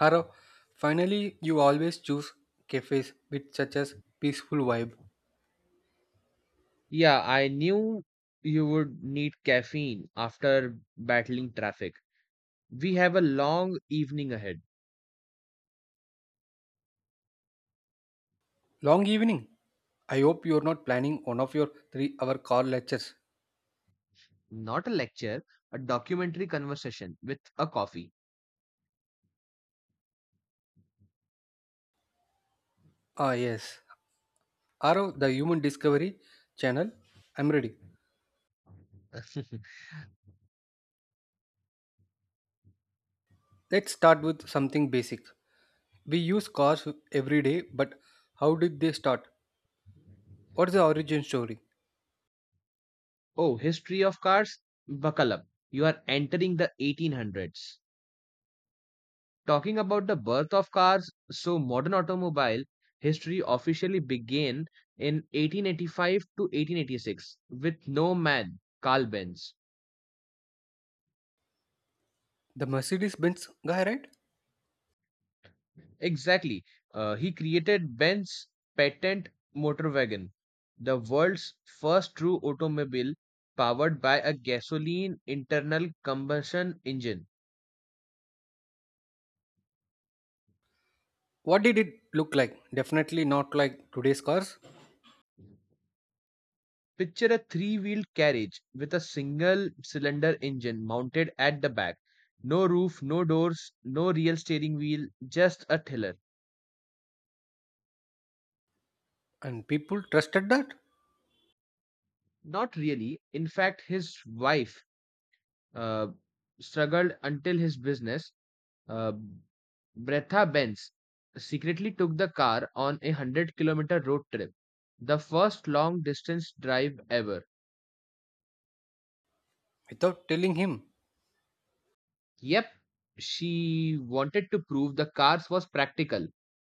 Haro, finally, you always choose cafes with such a peaceful vibe. Yeah, I knew you would need caffeine after battling traffic. We have a long evening ahead. Long evening. I hope you're not planning one of your 3 hour car lectures. Not a lecture, a documentary conversation with a coffee. Ah, yes. Haro, the Human Discovery channel. I'm ready. Let's start with something basic. We use cars every day, but how did they start? What's the origin story? Oh, history of cars? Buckle up. You are entering the 1800s. Talking about the birth of cars, so modern automobile history officially began in 1885 to 1886 with no man, Carl Benz. The Mercedes Benz guy, right? Exactly. He created Ben's patent motor wagon, the world's first true automobile powered by a gasoline internal combustion engine. What did it look like? Definitely not like today's cars. Picture a three wheeled carriage with a single cylinder engine mounted at the back. No roof, no doors, no real steering wheel, just a tiller. And people trusted that Not really. In fact, his wife uh, struggled until his business. Uh, Bretha Benz secretly took the car on a 100-kilometer road trip, the first long distance drive ever. without telling him. Yep, she wanted to prove the cars was practical.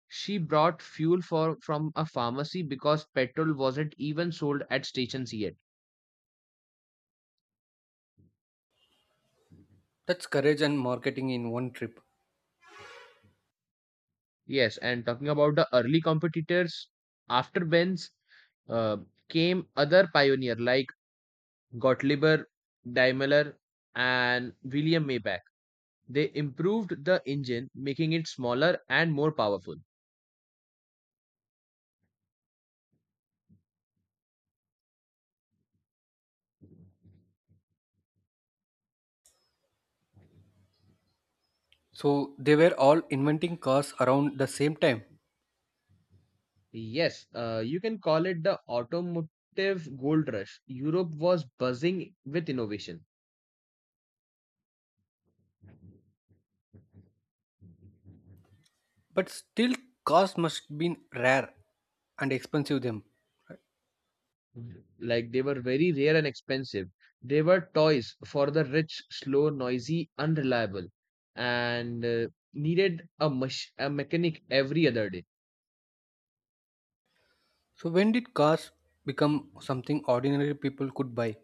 She brought fuel for from a pharmacy because petrol wasn't even sold at stations yet. That's courage and marketing in one trip. Yes, and talking about the early competitors, after Benz uh, came other pioneer like Gottlieb Daimler and William Maybach. They improved the engine, making it smaller and more powerful. So they were all inventing cars around the same time. Yes, you can call it the automotive gold rush. Europe was buzzing with innovation. But still cars must have been rare and expensive them, right? Mhm. Like they were very rare and expensive. They were toys for the rich, slow, noisy, unreliable, and needed a, mechanic every other day. So when did cars become something ordinary people could buy?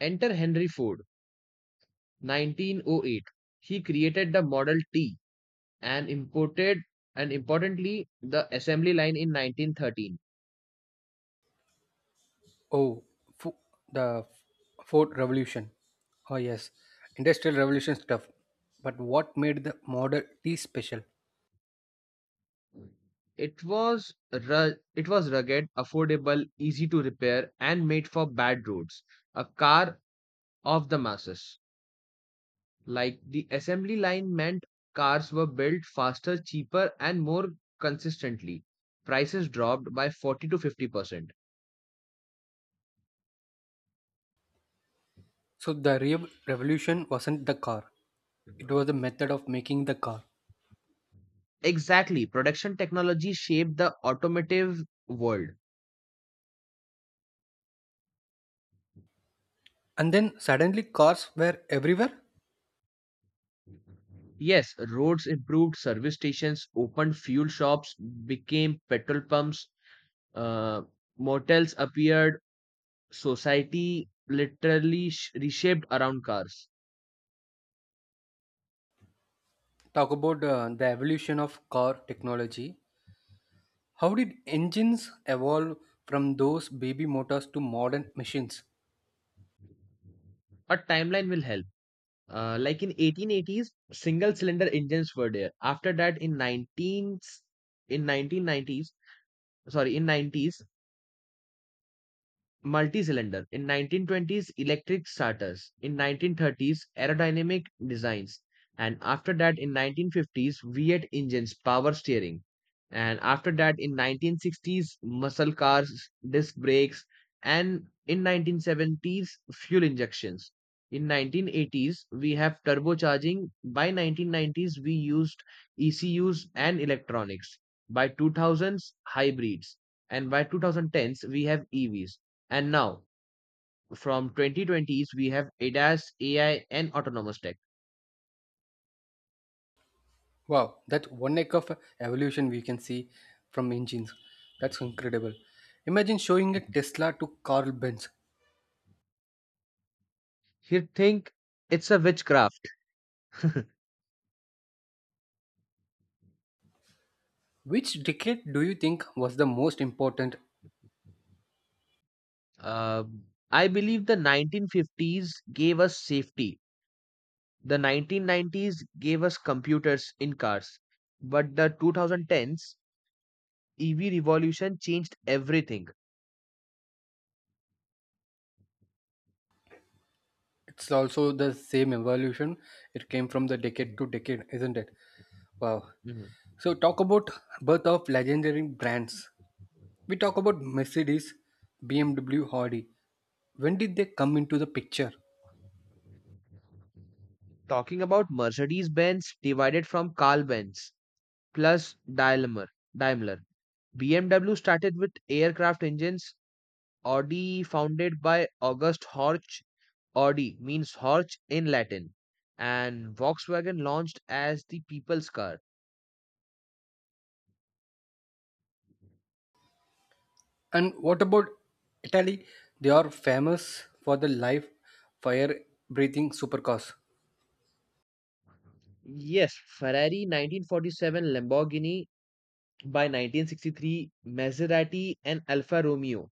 Enter Henry Ford, 1908. He created the Model T, and imported and importantly the assembly line in 1913. Oh, fo- the Ford Revolution. Oh yes, industrial revolution stuff. But what made the Model T special? It was rugged, affordable, easy to repair, and made for bad roads, a car of the masses. Like, the assembly line meant cars were built faster, cheaper, and more consistently. Prices dropped by 40 to 50%. So the real revolution wasn't the car. It was the method of making the car. Exactly, production technology shaped the automotive world. And then suddenly cars were everywhere. Yes, roads improved, service stations opened, fuel shops became petrol pumps, uh, motels appeared, society literally reshaped around cars. Talk about the evolution of car technology. How did engines evolve from those baby motors to modern machines? A timeline will help. Like, in 1880s, single cylinder engines were there. After that, in 1990s, sorry, in 90s, multi-cylinder in 1920s, electric starters in 1930s, aerodynamic designs, and after that in 1950s, V8 engines, power steering, and after that in 1960s, muscle cars, disc brakes, and in 1970s, fuel injections, in 1980s we have turbocharging, by 1990s we used ECUs and electronics, by 2000s hybrids, and by 2010s we have EVs, and now, from 2020s, we have ADAS, AI, and autonomous tech. Wow, that one neck of evolution we can see from engines. That's incredible. Imagine showing a Tesla to Carl Benz. You think it's a witchcraft? Which decade do you think was the most important? Uh, I believe the 1950s gave us safety. The 1990s gave us computers in cars. But the 2010s EV revolution changed everything. It's also the same evolution. It came from the decade to decade, isn't it? Wow. Mhm. So talk about birth of legendary brands. We talk about Mercedes, BMW, Audi. When did they come into the picture? Talking about Mercedes-Benz, divided from Carl-Benz plus Daimler. Daimler. BMW started with aircraft engines, Audi, founded by August Horch, Audi means Horch in Latin, and Volkswagen launched as the people's car. And what about Italy? They are famous for the live, fire breathing supercars. Yes, Ferrari 1947, Lamborghini by 1963, Maserati, and Alfa Romeo.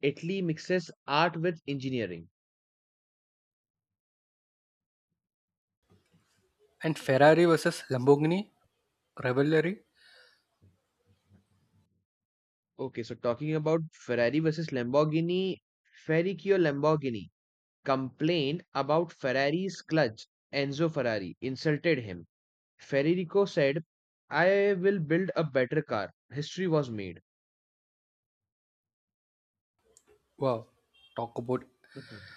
Italy mixes art with engineering. And Ferrari versus Lamborghini rivalry. Okay, so talking about Ferrari versus Lamborghini, Ferruccio Lamborghini complained about Ferrari's clutch. Enzo Ferrari insulted him. Federico said, I will build a better car. History was made. Wow, talk about Mhm,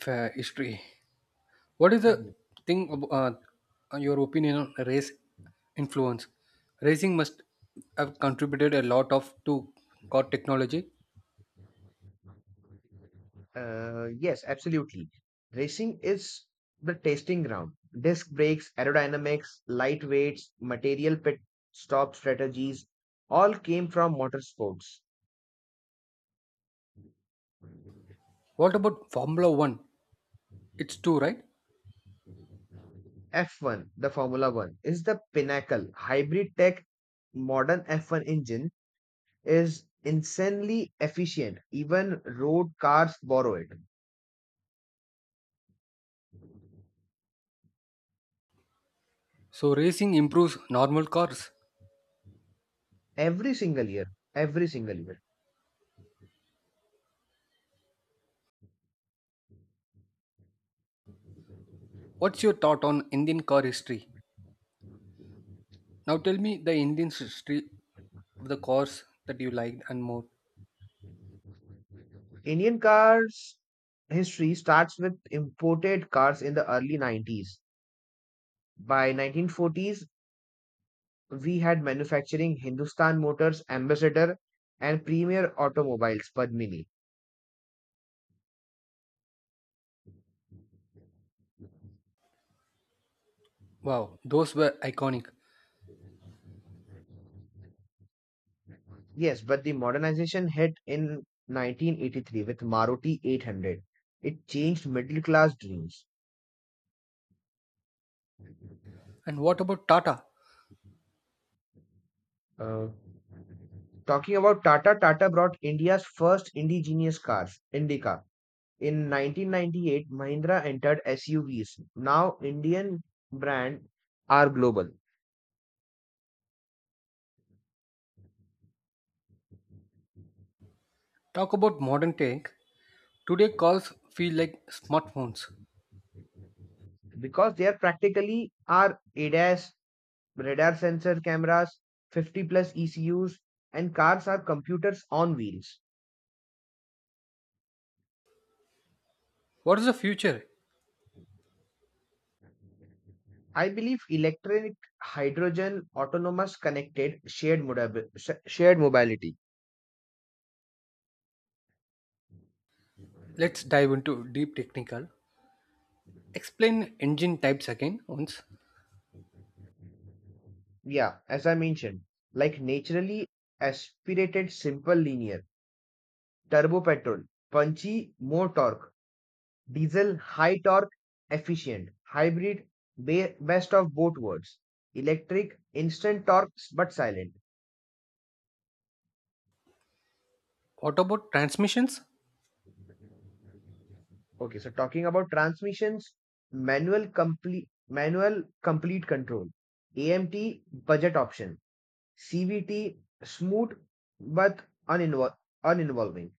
history. What is the mhm. thing about your opinion on race influence? Racing must have contributed a lot of to car technology. Yes, absolutely. Racing is the testing ground. Disc brakes, aerodynamics, light weights, material pit stop strategies all came from motorsports. What about Formula One? It's two, right? F1, the Formula One, is the pinnacle. Hybrid tech, modern F1 engine is insanely efficient. Even road cars borrow it. So, racing improves normal cars. Every single year, every single year. What's your thought on Indian car history? Now, tell me the Indian history of the cars that you liked and more. Indian cars history starts with imported cars in the early 90s. By 1940s, we had manufacturing Hindustan Motors, Ambassador, and Premier Automobiles, Padmini. Wow, those were iconic. Yes, but the modernization hit in 1983 with Maruti 800. It changed middle class dreams. And what about Tata? Uh, Talking about Tata, Tata brought India's first indigenous cars, Indica. In 1998, Mahindra entered SUVs. Now, Indian brand are global Talk about modern tech. Today, cars feel like smartphones. because they are practically are ADAS, radar sensor cameras, 50 plus ECUs, and cars are computers on wheels. What is the future? I believe electric, hydrogen, autonomous, connected, shared, shared mobility. Let's dive into deep technical. Explain engine types again once. Yeah, as I mentioned, like naturally aspirated, simple, linear, turbo petrol, punchy, more torque, Diesel, high torque, efficient. Hybrid, best of both worlds. Electric, instant torques but silent. What about transmissions? Okay, so talking about transmissions, manual complete control. AMT budget option. CVT smooth but uninvol- uninvolving.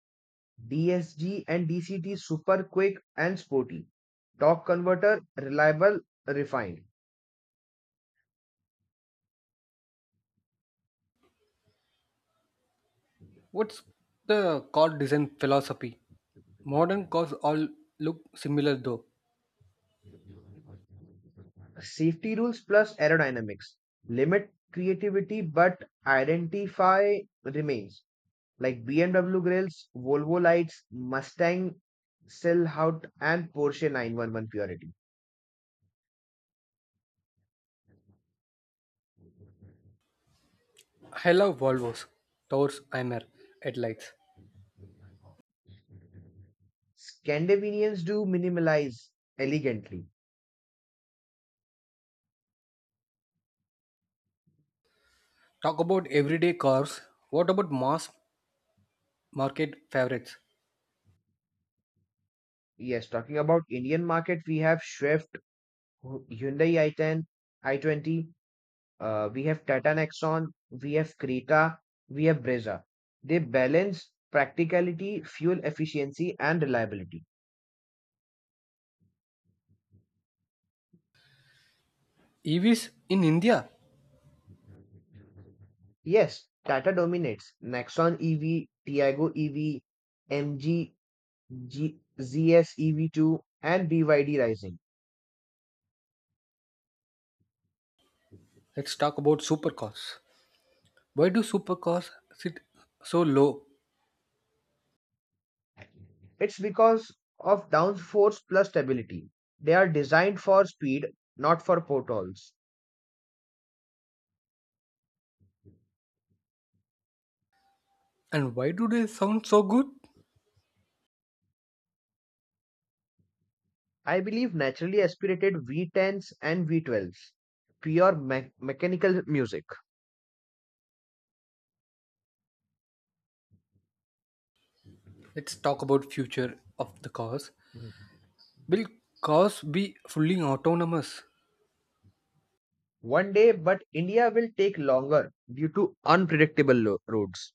DSG and DCT super quick and sporty. Torque converter reliable, refined. What's the car design philosophy? Modern cars all look similar though. Safety rules plus aerodynamics limit creativity, but identify remains. Like BMW grills, Volvo lights, Mustang Silhouette, and Porsche 911 purity. I love Volvos, Taurus, Aimer, headlights. Scandinavians do minimalize elegantly. Talk about everyday cars. What about mass market favorites? Yes, talking about Indian market, we have Swift, Hyundai i10, i20. We have Tata Nexon, we have Krita, we have Brezza. They balance practicality, fuel efficiency, and reliability. EVs in India. Yes, Tata dominates. Nexon EV, Tiago EV, MG, ZS EV2, and BYD Rising. Let's talk about supercars. Why do supercars sit so low It's because of downforce plus stability. They are designed for speed, not for potholes. and why do they sound so good? I believe naturally aspirated V10s and V12s, pure mechanical music. Let's talk about future of the cars. Mhm. Will cars be fully autonomous? One day, but India will take longer due to unpredictable roads.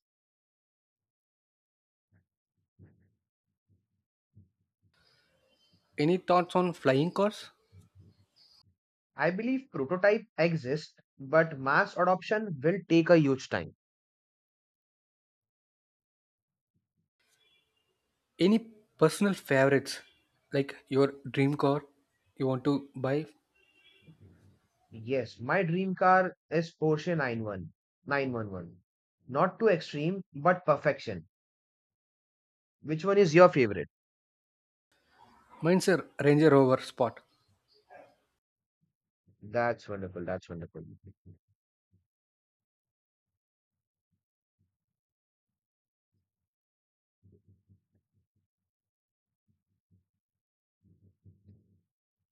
Any thoughts on flying cars? I believe prototype exists, but mass adoption will take a huge time. Any personal favorites like your dream car you want to buy. Yes, my dream car is Porsche 91 911. Not too extreme, but perfection. Which one is your favorite? Mine's a Ranger Rover Sport. That's wonderful. That's wonderful.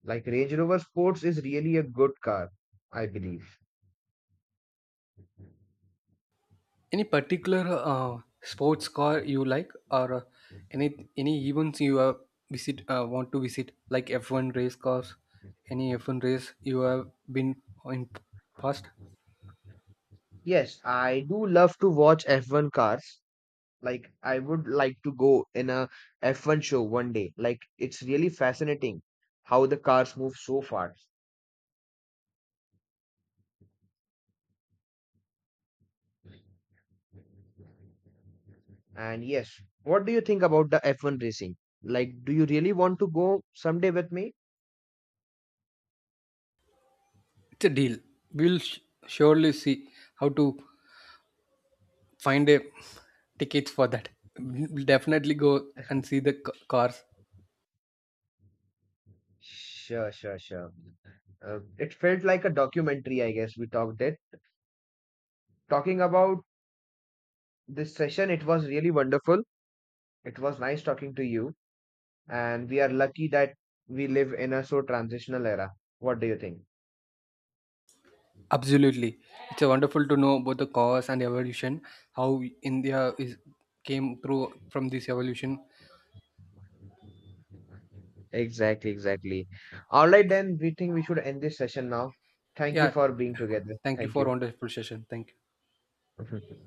Like Range Rover Sports is really a good car, I believe. Any particular sports car you like, or any events you visit want to visit, like F1 race cars, any F1 race you have been in past? Yes, I do love to watch F1 cars. Like, I would like to go in a F1 show one day. Like, it's really fascinating how the cars move so fast. And yes, what do you think about the F1 racing? Like, do you really want to go someday with me? It's a deal. We'll sh- surely see how to find a tickets for that. We'll definitely go and see the cars. Sure, sure, sure. It felt like a documentary, I guess we talked it. Talking about this session, it was really wonderful. It was nice talking to you. And we are lucky that we live in a so transitional era. What do you think? Absolutely. It's a wonderful to know about the cause and evolution, how India is came through from this evolution. Exactly, exactly. All right, then we think we should end this session now. Thank you Yeah. for being together. Thank you Thank for you. wonderful session. Thank you.